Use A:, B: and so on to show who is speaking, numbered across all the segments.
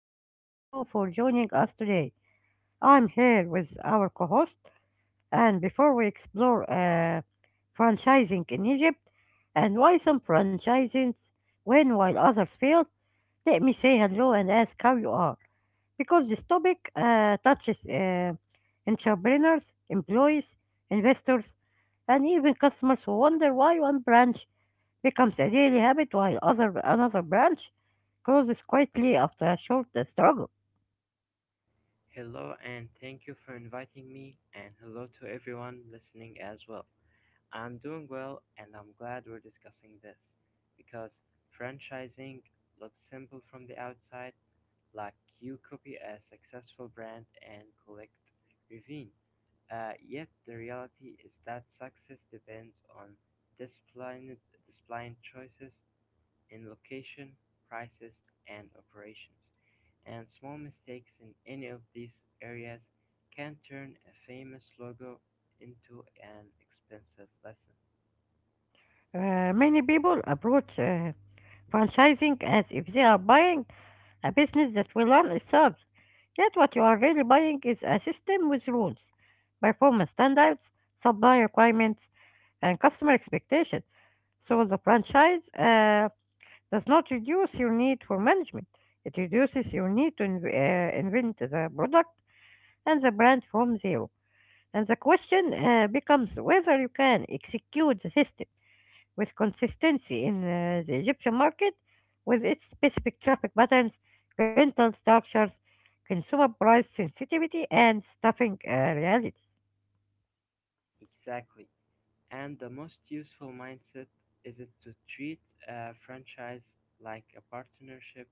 A: And thank you for joining us today. I'm here with our co host. And before we explore franchising in Egypt and why some franchises win while others fail, let me say hello and ask how you are. Because this topic touches entrepreneurs, employees, investors, and even customers who wonder why one branch becomes a daily habit while other another branch grows quietly after a short struggle.
B: Hello and thank you for inviting me, and hello to everyone listening as well. I'm doing well, and I'm glad we're discussing this because franchising looks simple from the outside, like you copy a successful brand and collect revenue. Yet the reality is that success depends on disciplined choices in location, prices, and operations, and small mistakes in any of these areas can turn a famous logo into an expensive lesson.
A: Many people approach franchising as if they are buying a business that will run itself. Yet, what you are really buying is a system with rules, performance standards, supply requirements, and customer expectations. So, the franchise does not reduce your need for management, it reduces your need to invent the product and the brand from zero. And the question becomes whether you can execute the system with consistency in the Egyptian market with its specific traffic patterns, rental structures, consumer price sensitivity, and staffing realities.
B: Exactly. And the most useful mindset is it to treat a franchise like a partnership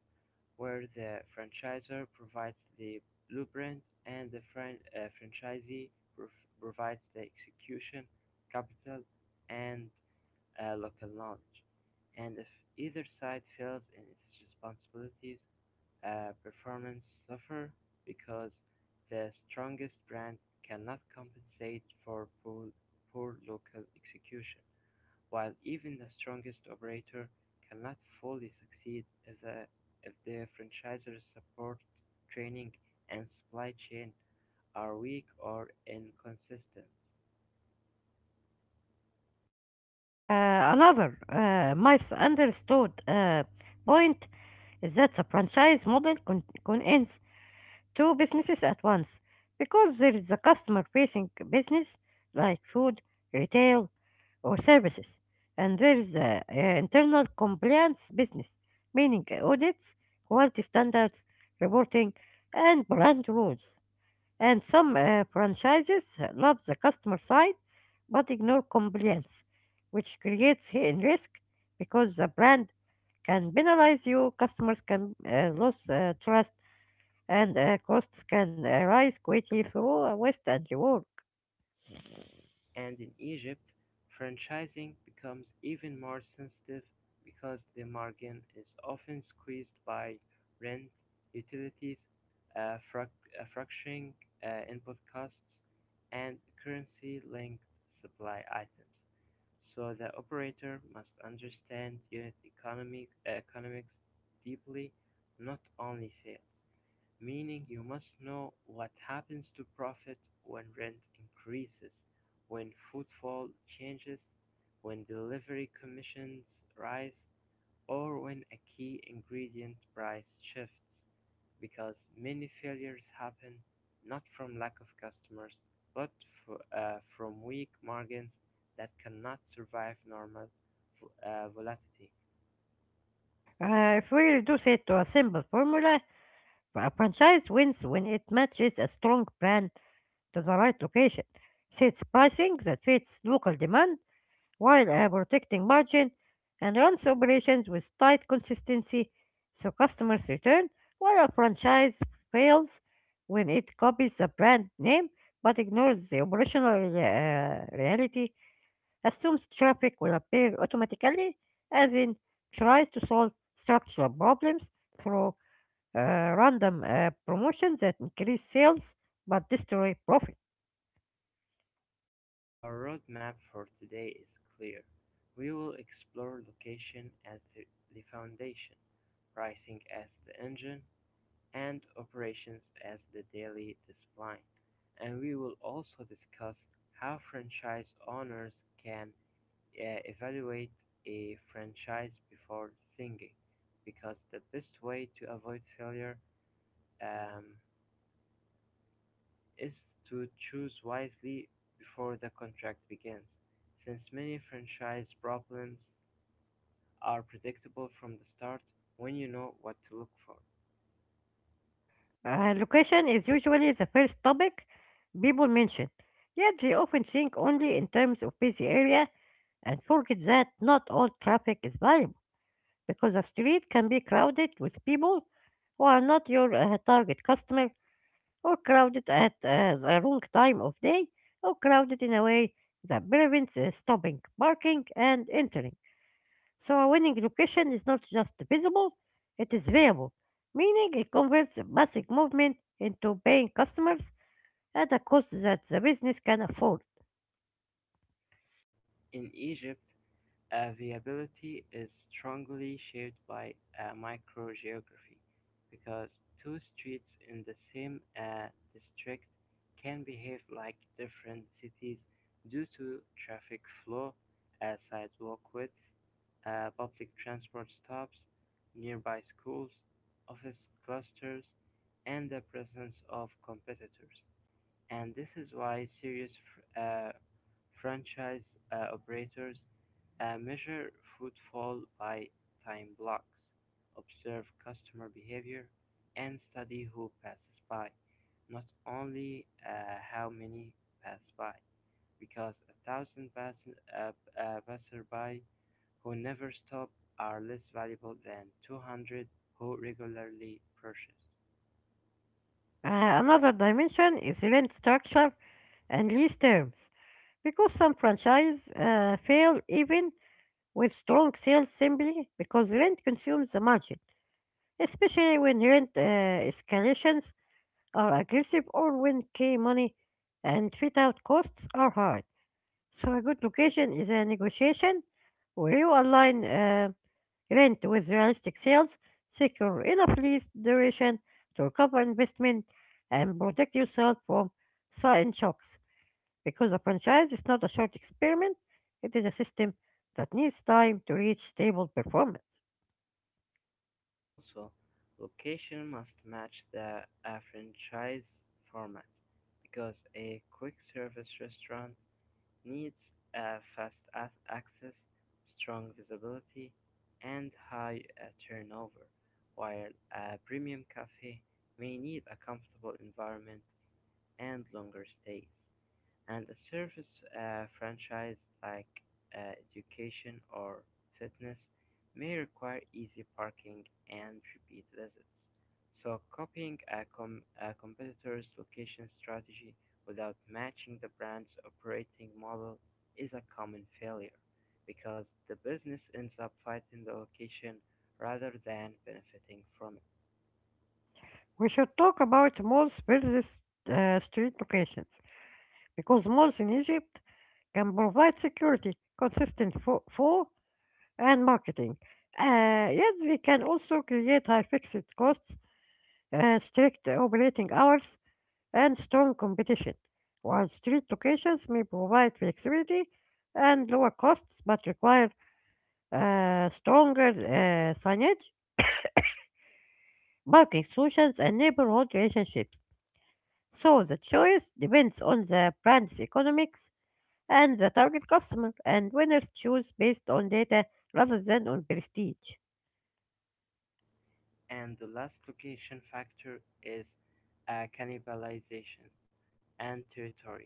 B: where the franchisor provides the blueprint and the franchisee prov- provides the execution, capital, and local knowledge. And if either side fails in its responsibilities, performance suffer because the strongest brand cannot compensate for poor local execution, while even the strongest operator cannot fully succeed if the franchisor's support, training, and supply chain are weak or inconsistent.
A: Another misunderstood point is that the franchise model contains two businesses at once because there is a customer facing business like food, retail, or services, and there is the internal compliance business, meaning audits, quality standards, reporting, and brand rules. And some franchises love the customer side but ignore compliance, which creates hidden risk because the brand can penalize you, customers can lose trust and costs can rise quickly through waste and rework.
B: And in Egypt, franchising becomes even more sensitive because the margin is often squeezed by rent, utilities, fracturing input costs, and currency-linked supply items. So the operator must understand unit economics deeply, not only sales. Meaning you must know what happens to profit when rent increases, when footfall changes, when delivery commissions rise, or when a key ingredient price shifts. Because many failures happen not from lack of customers, but from weak margins that cannot survive normal volatility.
A: If we reduce it to a simple formula, a franchise wins when it matches a strong brand to the right location, sets pricing that fits local demand, while protecting margin and runs operations with tight consistency so customers return, while a franchise fails when it copies the brand name but ignores the operational reality, assumes traffic will appear automatically, and then tries to solve structural problems through random promotions that increase sales but destroy profit.
B: So our roadmap for today is clear. We will explore location as the foundation, pricing as the engine, and operations as the daily discipline. And we will also discuss how franchise owners can evaluate a franchise before singing, because the best way to avoid failure um, is to choose wisely before the contract begins, since many franchise problems are predictable from the start when you know what to look for.
A: Location is usually the first topic people mention, yet they often think only in terms of busy area and forget that not all traffic is valuable because a street can be crowded with people who are not your target customer or crowded at the wrong time of day or crowded in a way that prevents stopping, parking, and entering. So a winning location is not just visible, it is variable, meaning it converts massive movement into paying customers at a cost that the business can afford.
B: In Egypt, viability is strongly shaped by microgeography because two streets in the same district can behave like different cities due to traffic flow, sidewalk width, public transport stops, nearby schools, office clusters, and the presence of competitors. And this is why serious uh, Franchise operators measure footfall by time blocks, observe customer behavior, and study who passes by, not only how many pass by, because a thousand uh, passerby who never stop are less valuable than 200 who regularly purchase.
A: Another dimension is rent structure and lease terms, because some franchises fail even with strong sales simply because rent consumes the margin, especially when rent escalations are aggressive or when key money and fit out costs are high. So a good location is a negotiation where you align rent with realistic sales, secure enough lease duration to recover investment, and protect yourself from sudden shocks. Because a franchise is not a short experiment, it is a system that needs time to reach stable performance.
B: Also, location must match the a franchise format, because a quick-service restaurant needs a fast access, strong visibility, and high turnover, while a premium cafe may need a comfortable environment and longer stays, and a service franchise like education or fitness may require easy parking and repeat visits. So copying a competitor's location strategy without matching the brand's operating model is a common failure because the business ends up fighting the location rather than benefiting from it.
A: We should talk about malls versus street locations, because malls in Egypt can provide security, consistent flow, and marketing. Yet they can also create high fixed costs, strict operating hours, and strong competition. While street locations may provide flexibility and lower costs but require stronger signage, parking solutions, and neighborhood relationships. So the choice depends on the brand's economics and the target customer, and winners choose based on data rather than on prestige.
B: And the last location factor is cannibalization and territory.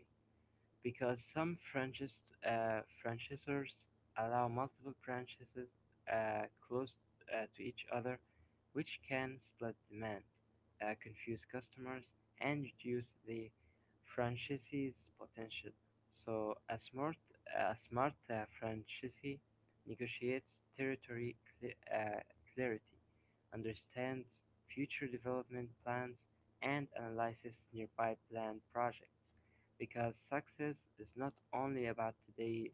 B: Because some franchise franchisors allow multiple franchises close to each other, which can split demand, confuse customers, and reduce the franchisee's potential. So a smart franchisee negotiates territory cle clarity, understands future development plans, and analyzes nearby planned projects. Because success is not only about today's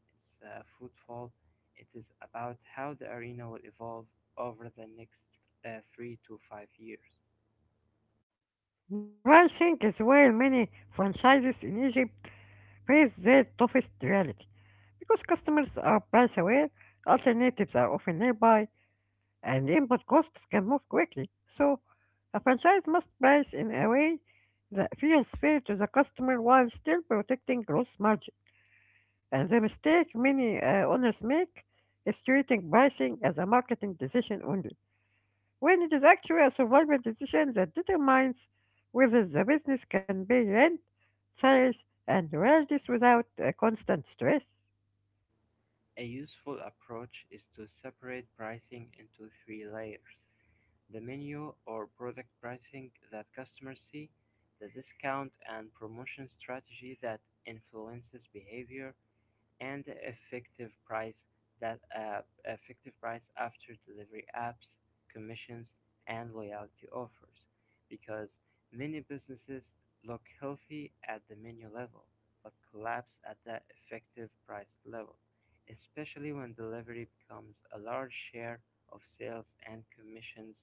B: football, it is about how the arena will evolve over the next 3 to 5 years.
A: Pricing is where many franchises in Egypt face their toughest reality because customers are price aware, alternatives are often nearby, and input costs can move quickly. So, a franchise must price in a way that feels fair to the customer while still protecting gross margin. And the mistake many owners make is treating pricing as a marketing decision only, when it is actually a survival decision that determines whether the business can pay rent, salaries, and royalties without constant stress.
B: A useful approach is to separate pricing into three layers: the menu or product pricing that customers see, the discount and promotion strategy that influences behavior, and the effective price that app effective price after delivery apps, commissions, and loyalty offers, because many businesses look healthy at the menu level but collapse at the effective price level, especially when delivery becomes a large share of sales and commissions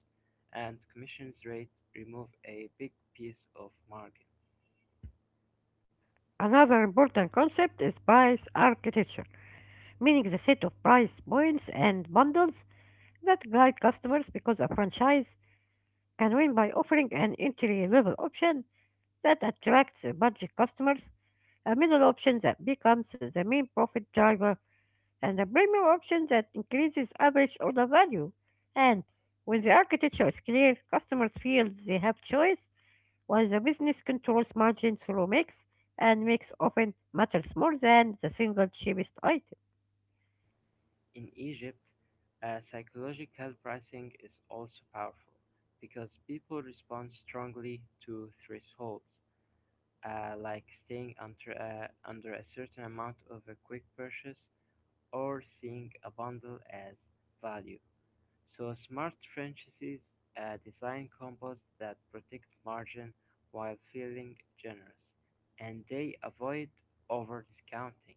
B: and commissions rate remove a big piece of margin.
A: Another important concept is price architecture meaning the set of price points and bundles that guide customers because a franchise can win by offering an entry-level option that attracts budget customers, a middle option that becomes the main profit driver, and a premium option that increases average order value. And when the architecture is clear, customers feel they have choice, while the business controls margin through mix, and mix often matters more than the single cheapest item.
B: In Egypt, psychological pricing is also powerful because people respond strongly to thresholds, like staying under a certain amount of a quick purchase or seeing a bundle as value. So smart trenches design composts that protect margin while feeling generous, and they avoid over discounting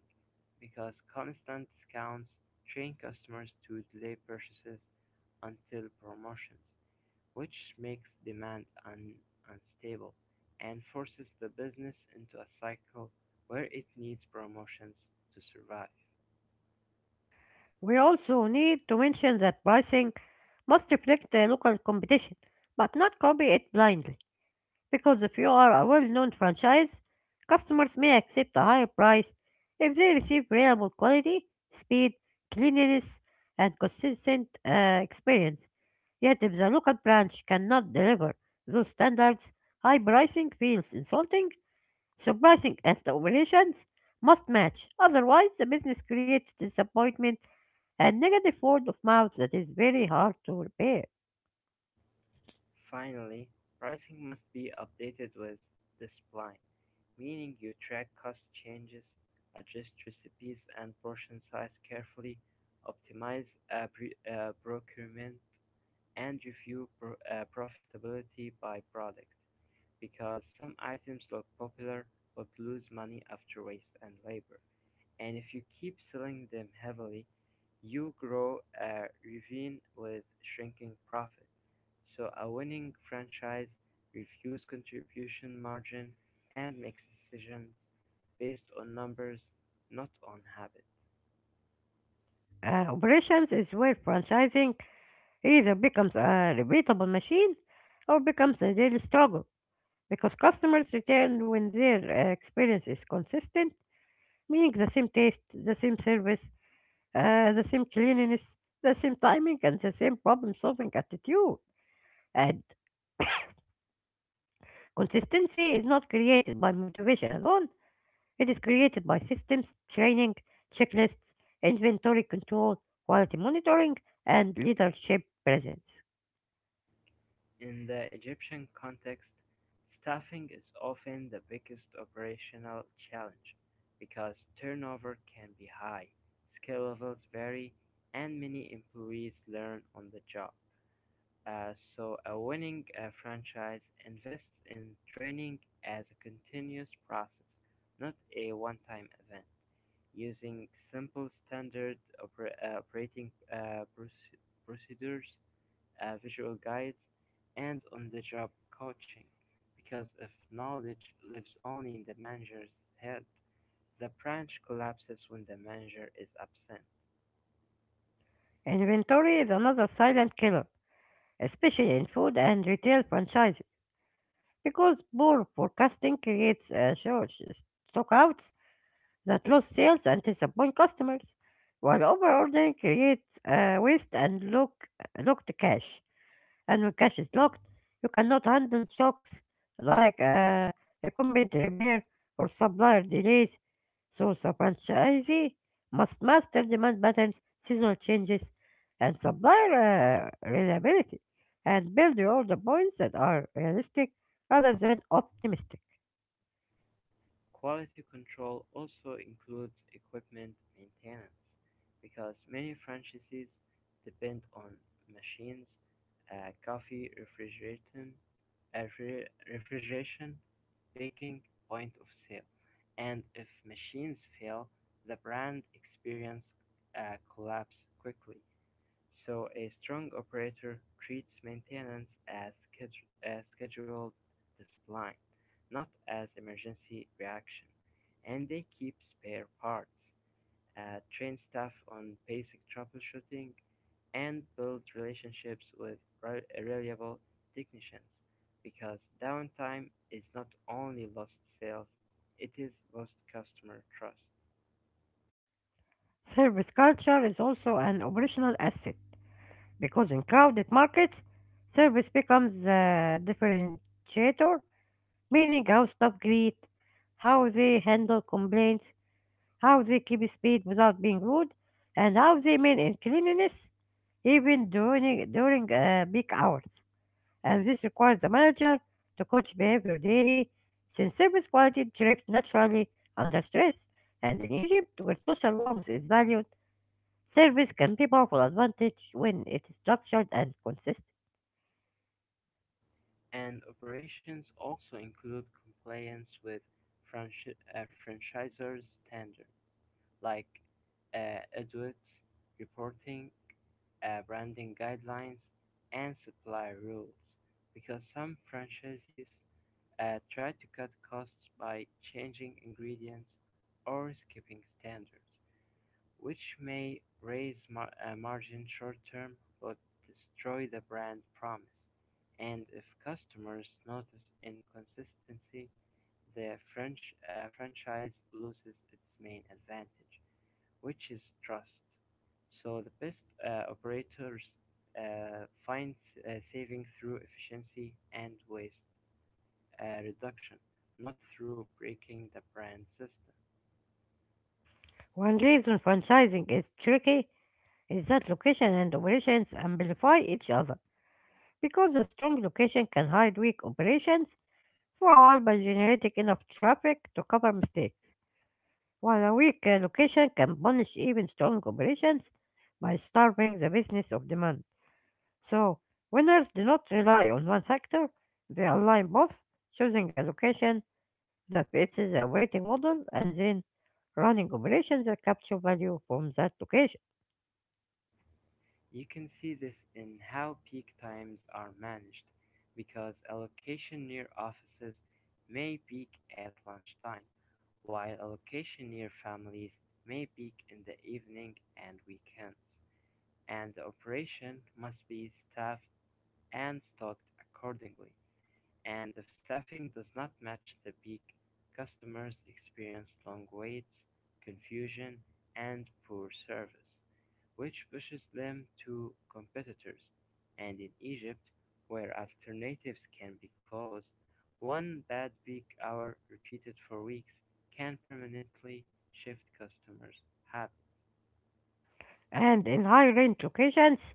B: because constant discounts train customers to delay purchases until promotions, which makes demand unstable and forces the business into a cycle where it needs promotions to survive.
A: We also need to mention that pricing must reflect the local competition, but not copy it blindly. Because if you are a well-known franchise, customers may accept a higher price if they receive reliable quality, speed, cleanliness, and consistent experience. Yet if the local branch cannot deliver those standards, high pricing feels insulting so pricing and the operations must match. Otherwise, the business creates disappointment and negative word of mouth that is very hard to repair.
B: Finally, pricing must be updated with "display", meaning you track cost changes, adjust recipes and portion size carefully, optimize procurement, and review profitability by product, because some items look popular but lose money after waste and labor, and if you keep selling them heavily, you grow a ravine with shrinking profit. So a winning franchise reviews contribution margin and makes decisions based on numbers, not on habit.
A: Operations is where franchising either becomes a repeatable machine or becomes a daily struggle because customers return when their experience is consistent, meaning the same taste, the same service, the same cleanliness, the same timing, and the same problem solving attitude. And consistency is not created by motivation alone, it is created by systems, training, checklists, inventory control, quality monitoring, and leadership presence.
B: In the Egyptian context, staffing is often the biggest operational challenge because turnover can be high, skill levels vary, and many employees learn on the job. So a winning franchise invests in training as a continuous process, not a one-time event, using simple standard operating procedures, visual guides, and on-the-job coaching, because if knowledge lives only in the manager's head, the branch collapses when the manager is absent.
A: Inventory is another silent killer, especially in food and retail franchises, because poor forecasting creates short stockouts that lose sales and disappoint customers, while overordering creates waste and locked cash. And when cash is locked, you cannot handle shocks like equipment repair or supplier delays. So the franchisee must master demand patterns, seasonal changes, and supplier reliability, and build your order points that are realistic rather than optimistic.
B: Quality control also includes equipment maintenance, because many franchises depend on machines, coffee refrigeration, refrigeration, baking, point of sale, and if machines fail, the brand experience collapse quickly. So a strong operator treats maintenance as a scheduled discipline, not as emergency reaction, and they keep spare parts, train staff on basic troubleshooting, and build relationships with reliable technicians because downtime is not only lost sales, it is lost customer trust.
A: Service culture is also an operational asset. Because in crowded markets, service becomes the differentiator, meaning how staff greet, how they handle complaints, how they keep speed without being rude, and how they maintain cleanliness even during peak hours. And this requires the manager to coach behavior daily, since service quality drifts naturally under stress. And in Egypt, where social warmth is valued, service can be powerful advantage when it is structured and consistent.
B: And operations also include compliance with franchisor standards like audits, reporting, branding guidelines, and supplier rules. Because some franchisees try to cut costs by changing ingredients or skipping standards, which may raise margin short-term but destroy the brand promise, and if customers notice inconsistency, the French franchise loses its main advantage, which is trust. So the best operators find saving through efficiency and waste reduction, not through breaking the brand system.
A: One reason franchising is tricky is that location and operations amplify each other because a strong location can hide weak operations for a while by generating enough traffic to cover mistakes, while a weak location can punish even strong operations by starving the business of demand. So, winners do not rely on one factor, they align both, choosing a location that fits the operating model and then running operations that capture value from that location.
B: You can see this in how peak times are managed, because allocation near offices may peak at lunchtime, while allocation near families may peak in the evening and weekends, and the operation must be staffed and stocked accordingly, and if staffing does not match the peak, customers experience long waits, confusion, and poor service, which pushes them to competitors. And in Egypt, where alternatives can be closed, one bad peak hour repeated for weeks can permanently shift customers' habits.
A: And in high range locations,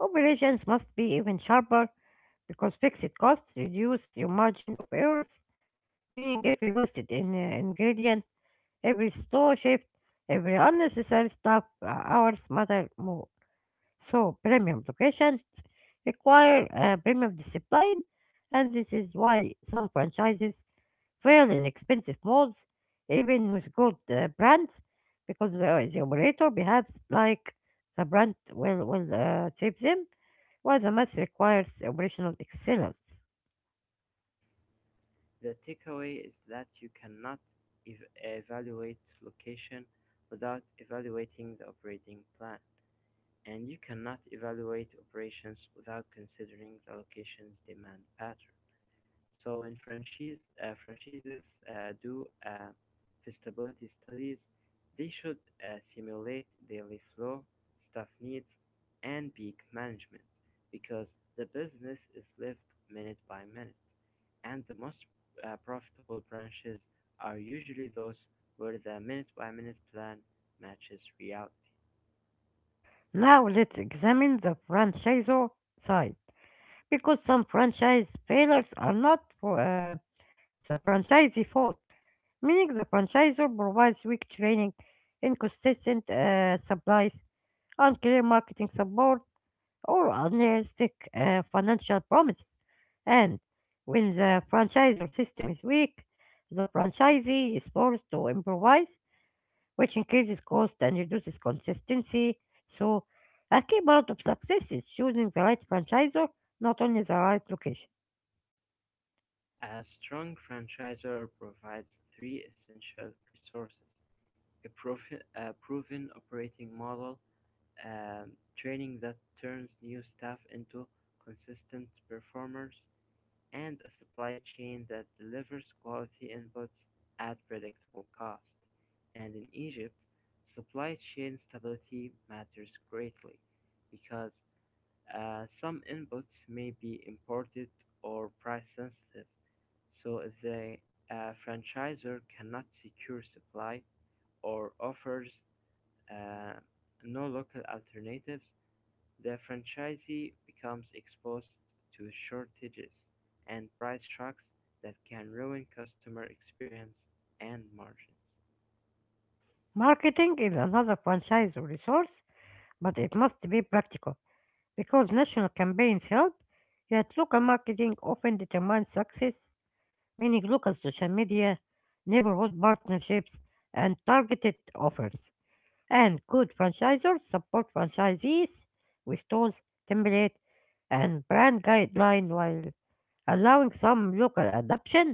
A: operations must be even sharper because fixed costs reduce your margin of errors, meaning every wasted ingredient, every store shift, every unnecessary staff hours matter more. So premium locations require a premium discipline, and this is why some franchises fail in expensive malls, even with good brands, because the operator behaves like the brand will save them, while the math requires operational excellence.
B: The takeaway is that you cannot ev- evaluate location without evaluating the operating plan. And you cannot evaluate operations without considering the location's demand pattern. So when franchises do feasibility studies, they should simulate daily flow, staff needs, and peak management, because the business is lived minute by minute. And the most profitable branches are usually those where the minute by minute plan matches reality.
A: Now let's examine the franchisor side, because some franchise failures are not the franchisee fault, meaning the franchisor provides weak training, inconsistent supplies, unclear marketing support, or unrealistic financial promises. And when the franchisor system is weak, the franchisee is forced to improvise, which increases cost and reduces consistency. So, a key part of success is choosing the right franchisor, not only the right location.
B: A strong franchisor provides three essential resources: a proven operating model, um, training that turns new staff into consistent performers, and a supply chain that delivers quality inputs at predictable cost. And in Egypt, supply chain stability matters greatly because some inputs may be imported or price sensitive, so if the franchisor cannot secure supply or offers uh, no local alternatives, the franchisee becomes exposed to shortages and price shocks that can ruin customer experience and margins.
A: Marketing is another franchisor resource but it must be practical because national campaigns help, yet local marketing often determines success, meaning local social media, neighborhood partnerships, and targeted offers. And good franchisors support franchisees with tools, template, and brand guideline while allowing some local adoption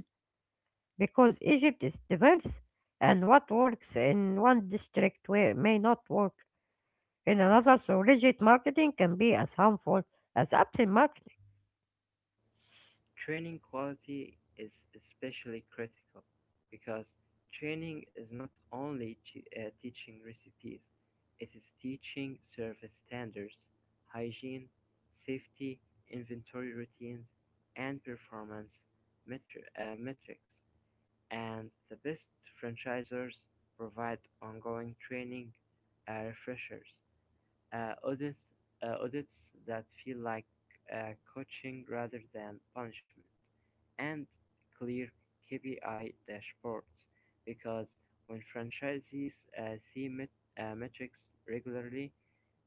A: because Egypt is diverse and what works in one district may not work in another, so rigid marketing can be as harmful as absent marketing.
B: Training quality is especially critical because training is not only teaching recipes, it is teaching service standards, hygiene, safety, inventory routines, and performance metrics. And the best franchisors provide ongoing training, refreshers, uh, audits audits that feel like coaching rather than punishment, and clear KPI dashboards, because when franchisees see metrics regularly,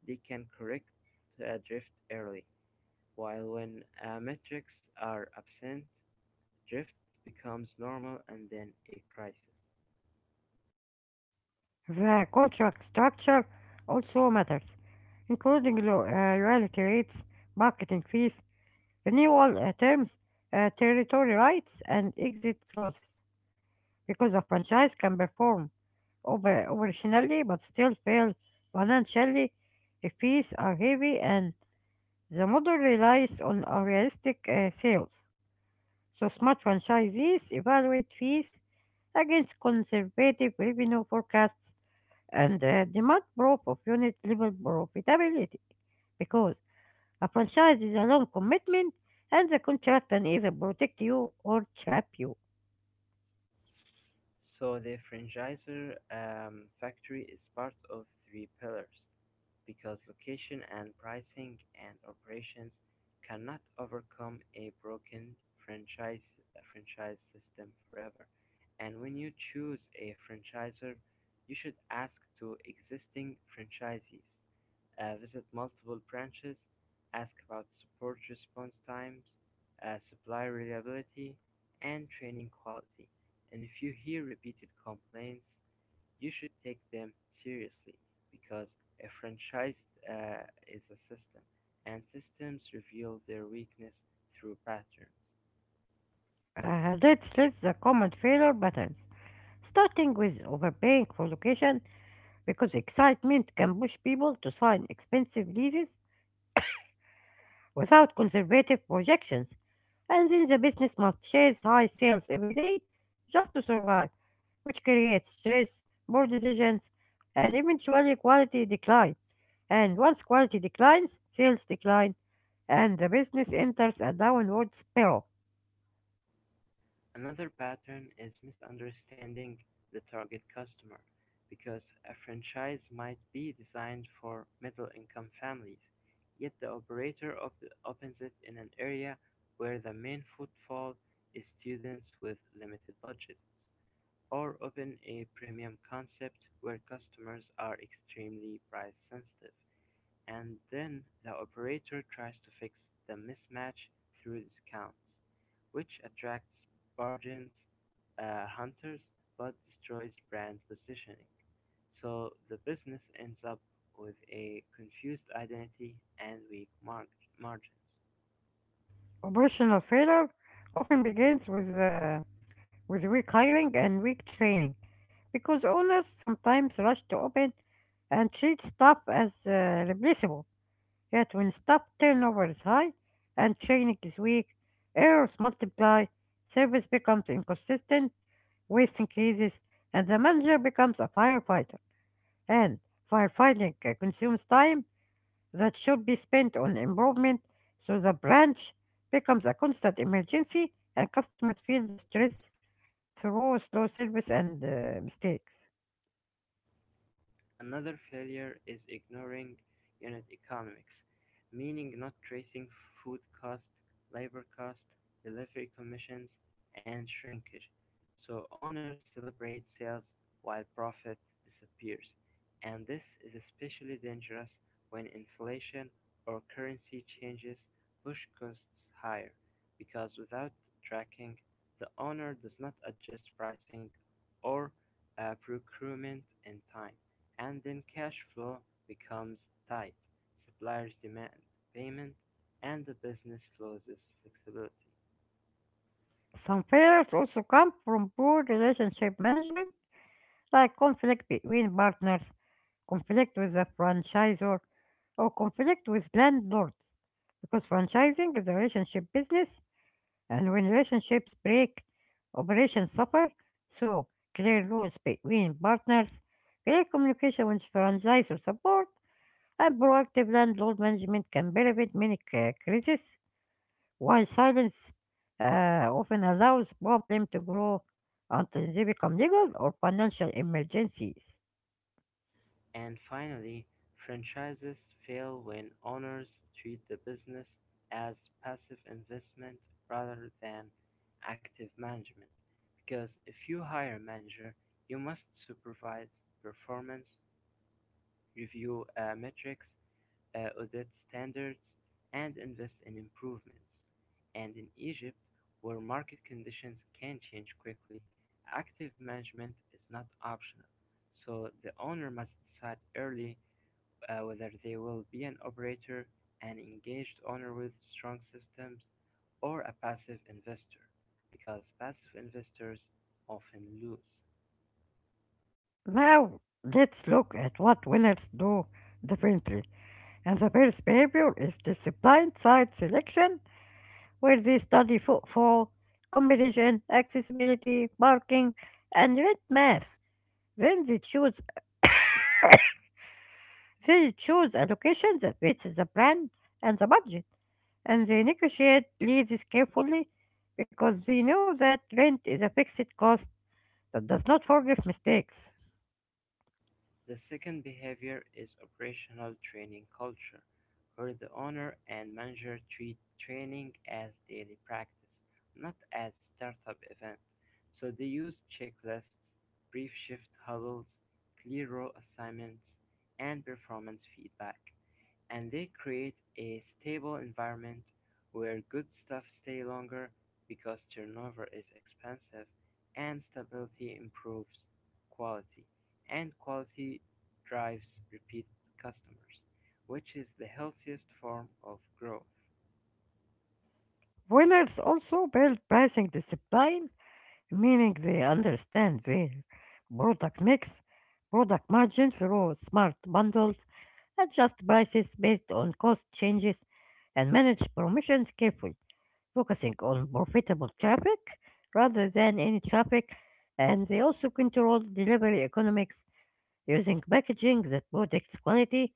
B: they can correct drift early. While when metrics are absent, drift becomes normal and then a crisis.
A: The contract structure also matters, including royalty rates, marketing fees, renewal terms, territory rights, and exit clauses. Because a franchise can perform over operationally but still fail financially if fees are heavy and the model relies on unrealistic sales. So smart franchisees evaluate fees against conservative revenue forecasts and demand growth of unit level profitability because a franchise is a long commitment and the contract can either protect you or trap you.
B: So the franchisor factory is part of three pillars because location and pricing and operations cannot overcome a broken franchise franchise system forever. And when you choose a franchisor, you should ask to existing franchisees, visit multiple branches, ask about support response times, supply reliability, and training quality. And if you hear repeated complaints, you should take them seriously because a franchise uh, is a system, and systems reveal their weakness through patterns.
A: Let's list the common failure patterns, starting with overpaying for location because excitement can push people to sign expensive leases without conservative projections. And then the business must chase high sales every day just to survive, which creates stress, poor decisions, and eventually quality decline. And once quality declines, sales decline, and the business enters a downward spiral.
B: Another pattern is misunderstanding the target customer because a franchise might be designed for middle income families, yet the operator opens it in an area where the main footfall is students with limited budgets, or open a premium concept where customers are extremely price sensitive, and then the operator tries to fix the mismatch through discounts, which attracts bargains hunters but destroys brand positioning. So the business ends up with a confused identity and weak margins.
A: Operational failure often begins with, with weak hiring and weak training, because owners sometimes rush to open and treat staff as replaceable. That will stop turnover is high and training is weak. Errors multiply. Service becomes inconsistent. Waste increases. And the manager becomes a firefighter. And firefighting consumes time that should be spent on improvement. So the branch becomes a constant emergency and customers feel the stress through slow service and mistakes.
B: Another failure is ignoring unit economics, meaning not tracing food cost, labor cost, delivery commissions, and shrinkage. So owners celebrate sales while profit disappears, and this is especially dangerous when inflation or currency changes push costs higher, because without tracking, the owner does not adjust pricing or procurement in time and then cash flow becomes tight, suppliers demand payment, and the business loses flexibility.
A: Some failures also come from poor relationship management, like conflict between partners, conflict with the franchisor, or conflict with landlords. Because franchising is a relationship business, and when relationships break, operations suffer. So, clear rules between partners, clear communication with franchisor support, and proactive landlord management can prevent many crises, while silence often allows problem to grow until they become legal or financial emergencies.
B: And finally, franchises fail when owners treat the business as passive investment rather than active management. Because if you hire a manager, you must supervise performance review metrics, audit standards, and invest in improvements. And in Egypt, where market conditions can change quickly, active management is not optional. So the owner must decide early whether they will be an operator, an engaged owner with strong systems, or a passive investor, because passive investors often lose.
A: Now, let's look at what winners do differently. And the first behavior is disciplined site selection, where they study footfall, competition, accessibility, parking, and rent math. Then they choose a location that fits the brand and the budget, and they negotiate leases carefully because they know that rent is a fixed cost that does not forgive mistakes.
B: The second behavior is operational training culture, where the owner and manager treat training as daily practice, not as startup event. So they use checklists, brief shift huddles, clear role assignments, and performance feedback, and they create a stable environment where good stuff stay longer because turnover is expensive and stability improves quality, and quality drives repeat customers, which is the healthiest form of growth.
A: Winners also build pricing discipline, meaning they understand their product mix, product margin through smart bundles, adjust prices based on cost changes, and manage promotions carefully, focusing on profitable traffic rather than any traffic. And they also control delivery economics using packaging that protects quality,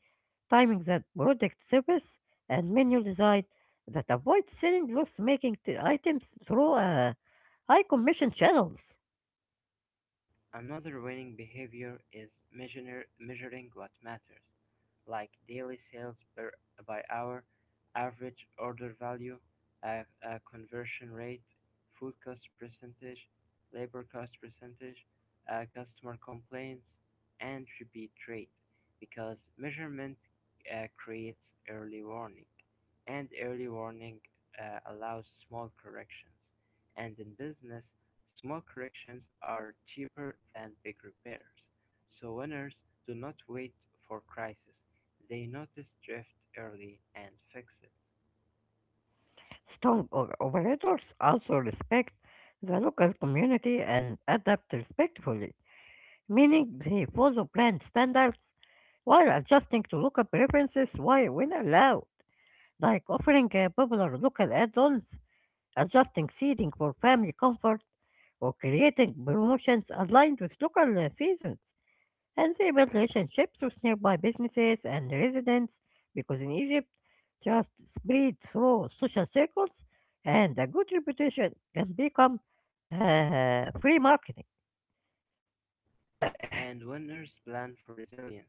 A: timing that protects service, and menu design that avoids selling loss-making items through high commission channels.
B: Another winning behavior is measuring what matters, like daily sales per, by hour, average order value, a conversion rate, food cost percentage, labor cost percentage, customer complaints, and repeat rate, because measurement creates early warning, and early warning allows small corrections. And in business, small corrections are cheaper than big repairs, so owners do not wait for crisis, they notice drift early and fix it.
A: Strong or operators also respect the local community and adapt respectfully, meaning they follow brand standards while adjusting to local preferences while when allowed, like offering popular local add-ons, adjusting seating for family comfort, or creating promotions aligned with local seasons and stable relationships with nearby businesses and residents because in Egypt, trust spreads through social circles and a good reputation can become free marketing.
B: And owners plan for resilience,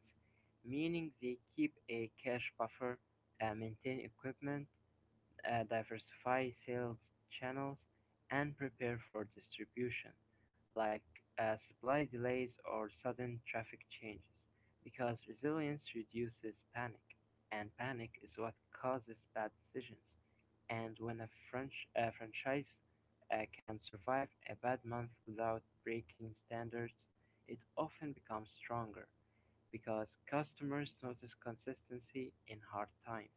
B: meaning they keep a cash buffer, maintain equipment, diversify sales channels, and prepare for distribution, like supply delays or sudden traffic changes, because resilience reduces panic, and panic is what causes bad decisions. And when a franchise can survive a bad month without breaking standards, it often becomes stronger because customers notice consistency in hard times,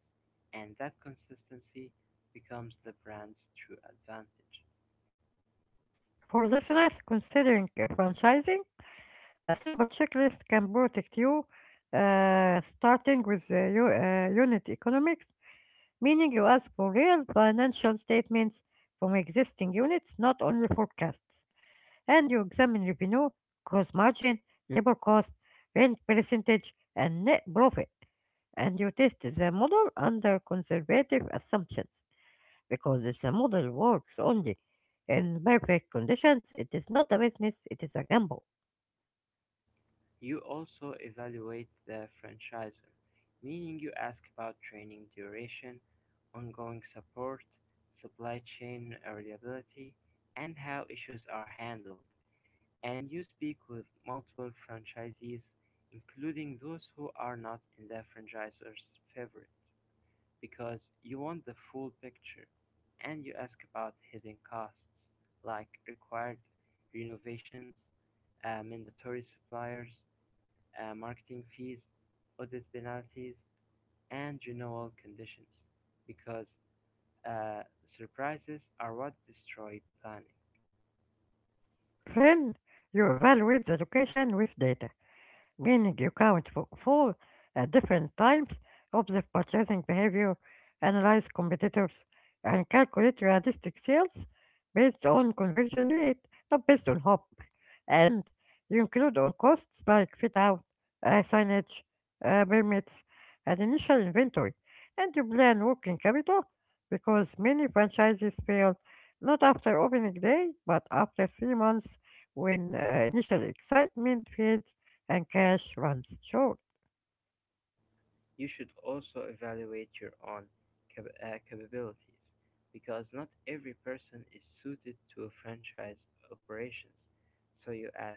B: and that consistency becomes the brand's true advantage.
A: For listeners considering franchising, a simple checklist can protect you, starting with unit economics, meaning you ask for real financial statements from existing units, not only forecasts. And you examine revenue, gross margin, labor cost, rent percentage, and net profit. And you test the model under conservative assumptions because if the model works only in perfect conditions, it is not a business, it is a gamble.
B: You also evaluate the franchisor, meaning you ask about training duration, ongoing support, supply chain reliability, and how issues are handled. And you speak with multiple franchisees, including those who are not in the franchisor's favorite, because you want the full picture, and you ask about hidden costs like required renovations, mandatory suppliers, marketing fees, audit penalties, and renewal conditions, because uh, surprises are what destroy planning.
A: Then you evaluate the location with data, meaning you count for four different times, observe purchasing behavior, analyze competitors, and calculate realistic sales based on conversion rate, not based on hope. And you include all costs like fit out, signage, permits, and initial inventory. And you plan working capital because many franchises fail not after opening day, but after 3 months when initial excitement fades and cash runs short.
B: You should also evaluate your own capabilities because not every person is suited to franchise operations. So you ask,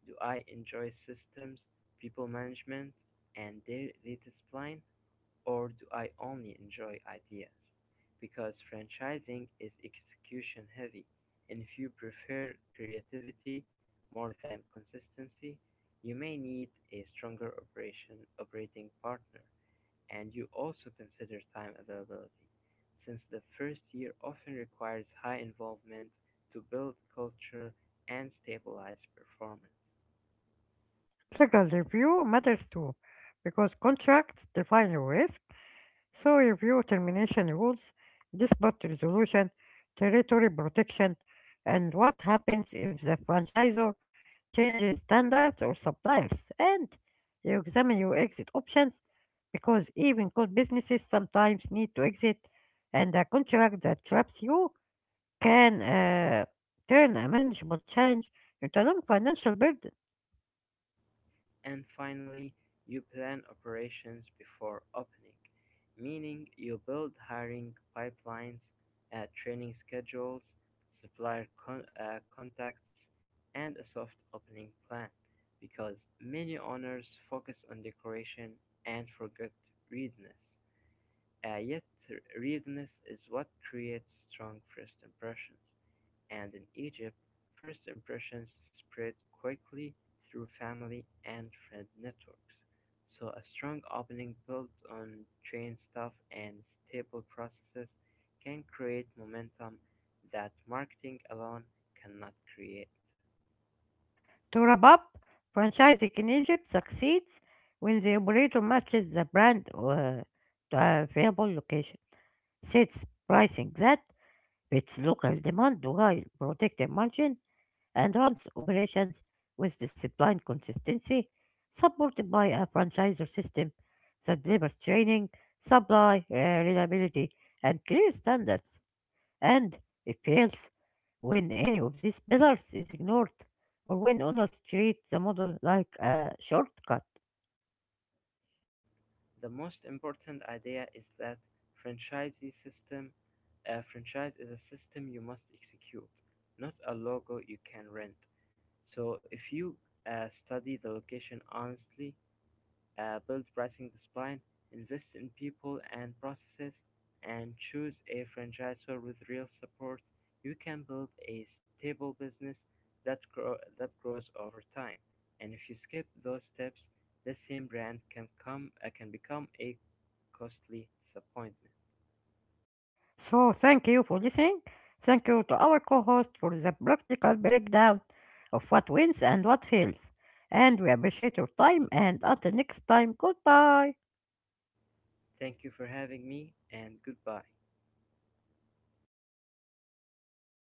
B: do I enjoy systems, people management, and data spline, or do I only enjoy ideas? Because franchising is execution heavy, and if you prefer creativity more than consistency, you may need a stronger operation operating partner, and you also consider time availability, since the first year often requires high involvement to build culture and stabilize performance.
A: Legal review matters too, because contracts define your risk, so review termination rules, dispute resolution, territory protection, and what happens if the franchisor changes standards or suppliers. And you examine your exit options because even good businesses sometimes need to exit, and a contract that traps you can turn a manageable challenge into a non financial burden.
B: And finally, you plan operations before opening, meaning you build hiring pipelines, training schedules, contacts, and a soft opening plan because many owners focus on decoration and forget readiness. Yet, rudeness is what creates strong first impressions, and in Egypt, first impressions spread quickly through family and friend networks. So a strong opening built on trained staff and stable processes can create momentum that marketing alone cannot create.
A: To wrap up, franchising in Egypt succeeds when the operator matches the brand to a viable location, sets pricing that fits local demand while protecting margin, and runs operations with disciplined consistency, supported by a franchisor system that delivers training, supply, reliability, and clear standards and it fails when any of these pillars is ignored or when owners treat the model like a shortcut.
B: The most important idea is that franchisee system a franchise is a system you must execute, not a logo you can rent. So if you study the location honestly, build pricing discipline, invest in people and processes, and choose a franchisor with real support. You can build a stable business that grows over time. And if you skip those steps, the same brand can come can become a costly disappointment.
A: So thank you for listening. Thank you to our co-host for the practical breakdown of what wins and what fails. And we appreciate your time and until next time, goodbye.
B: Thank you for having me, and goodbye.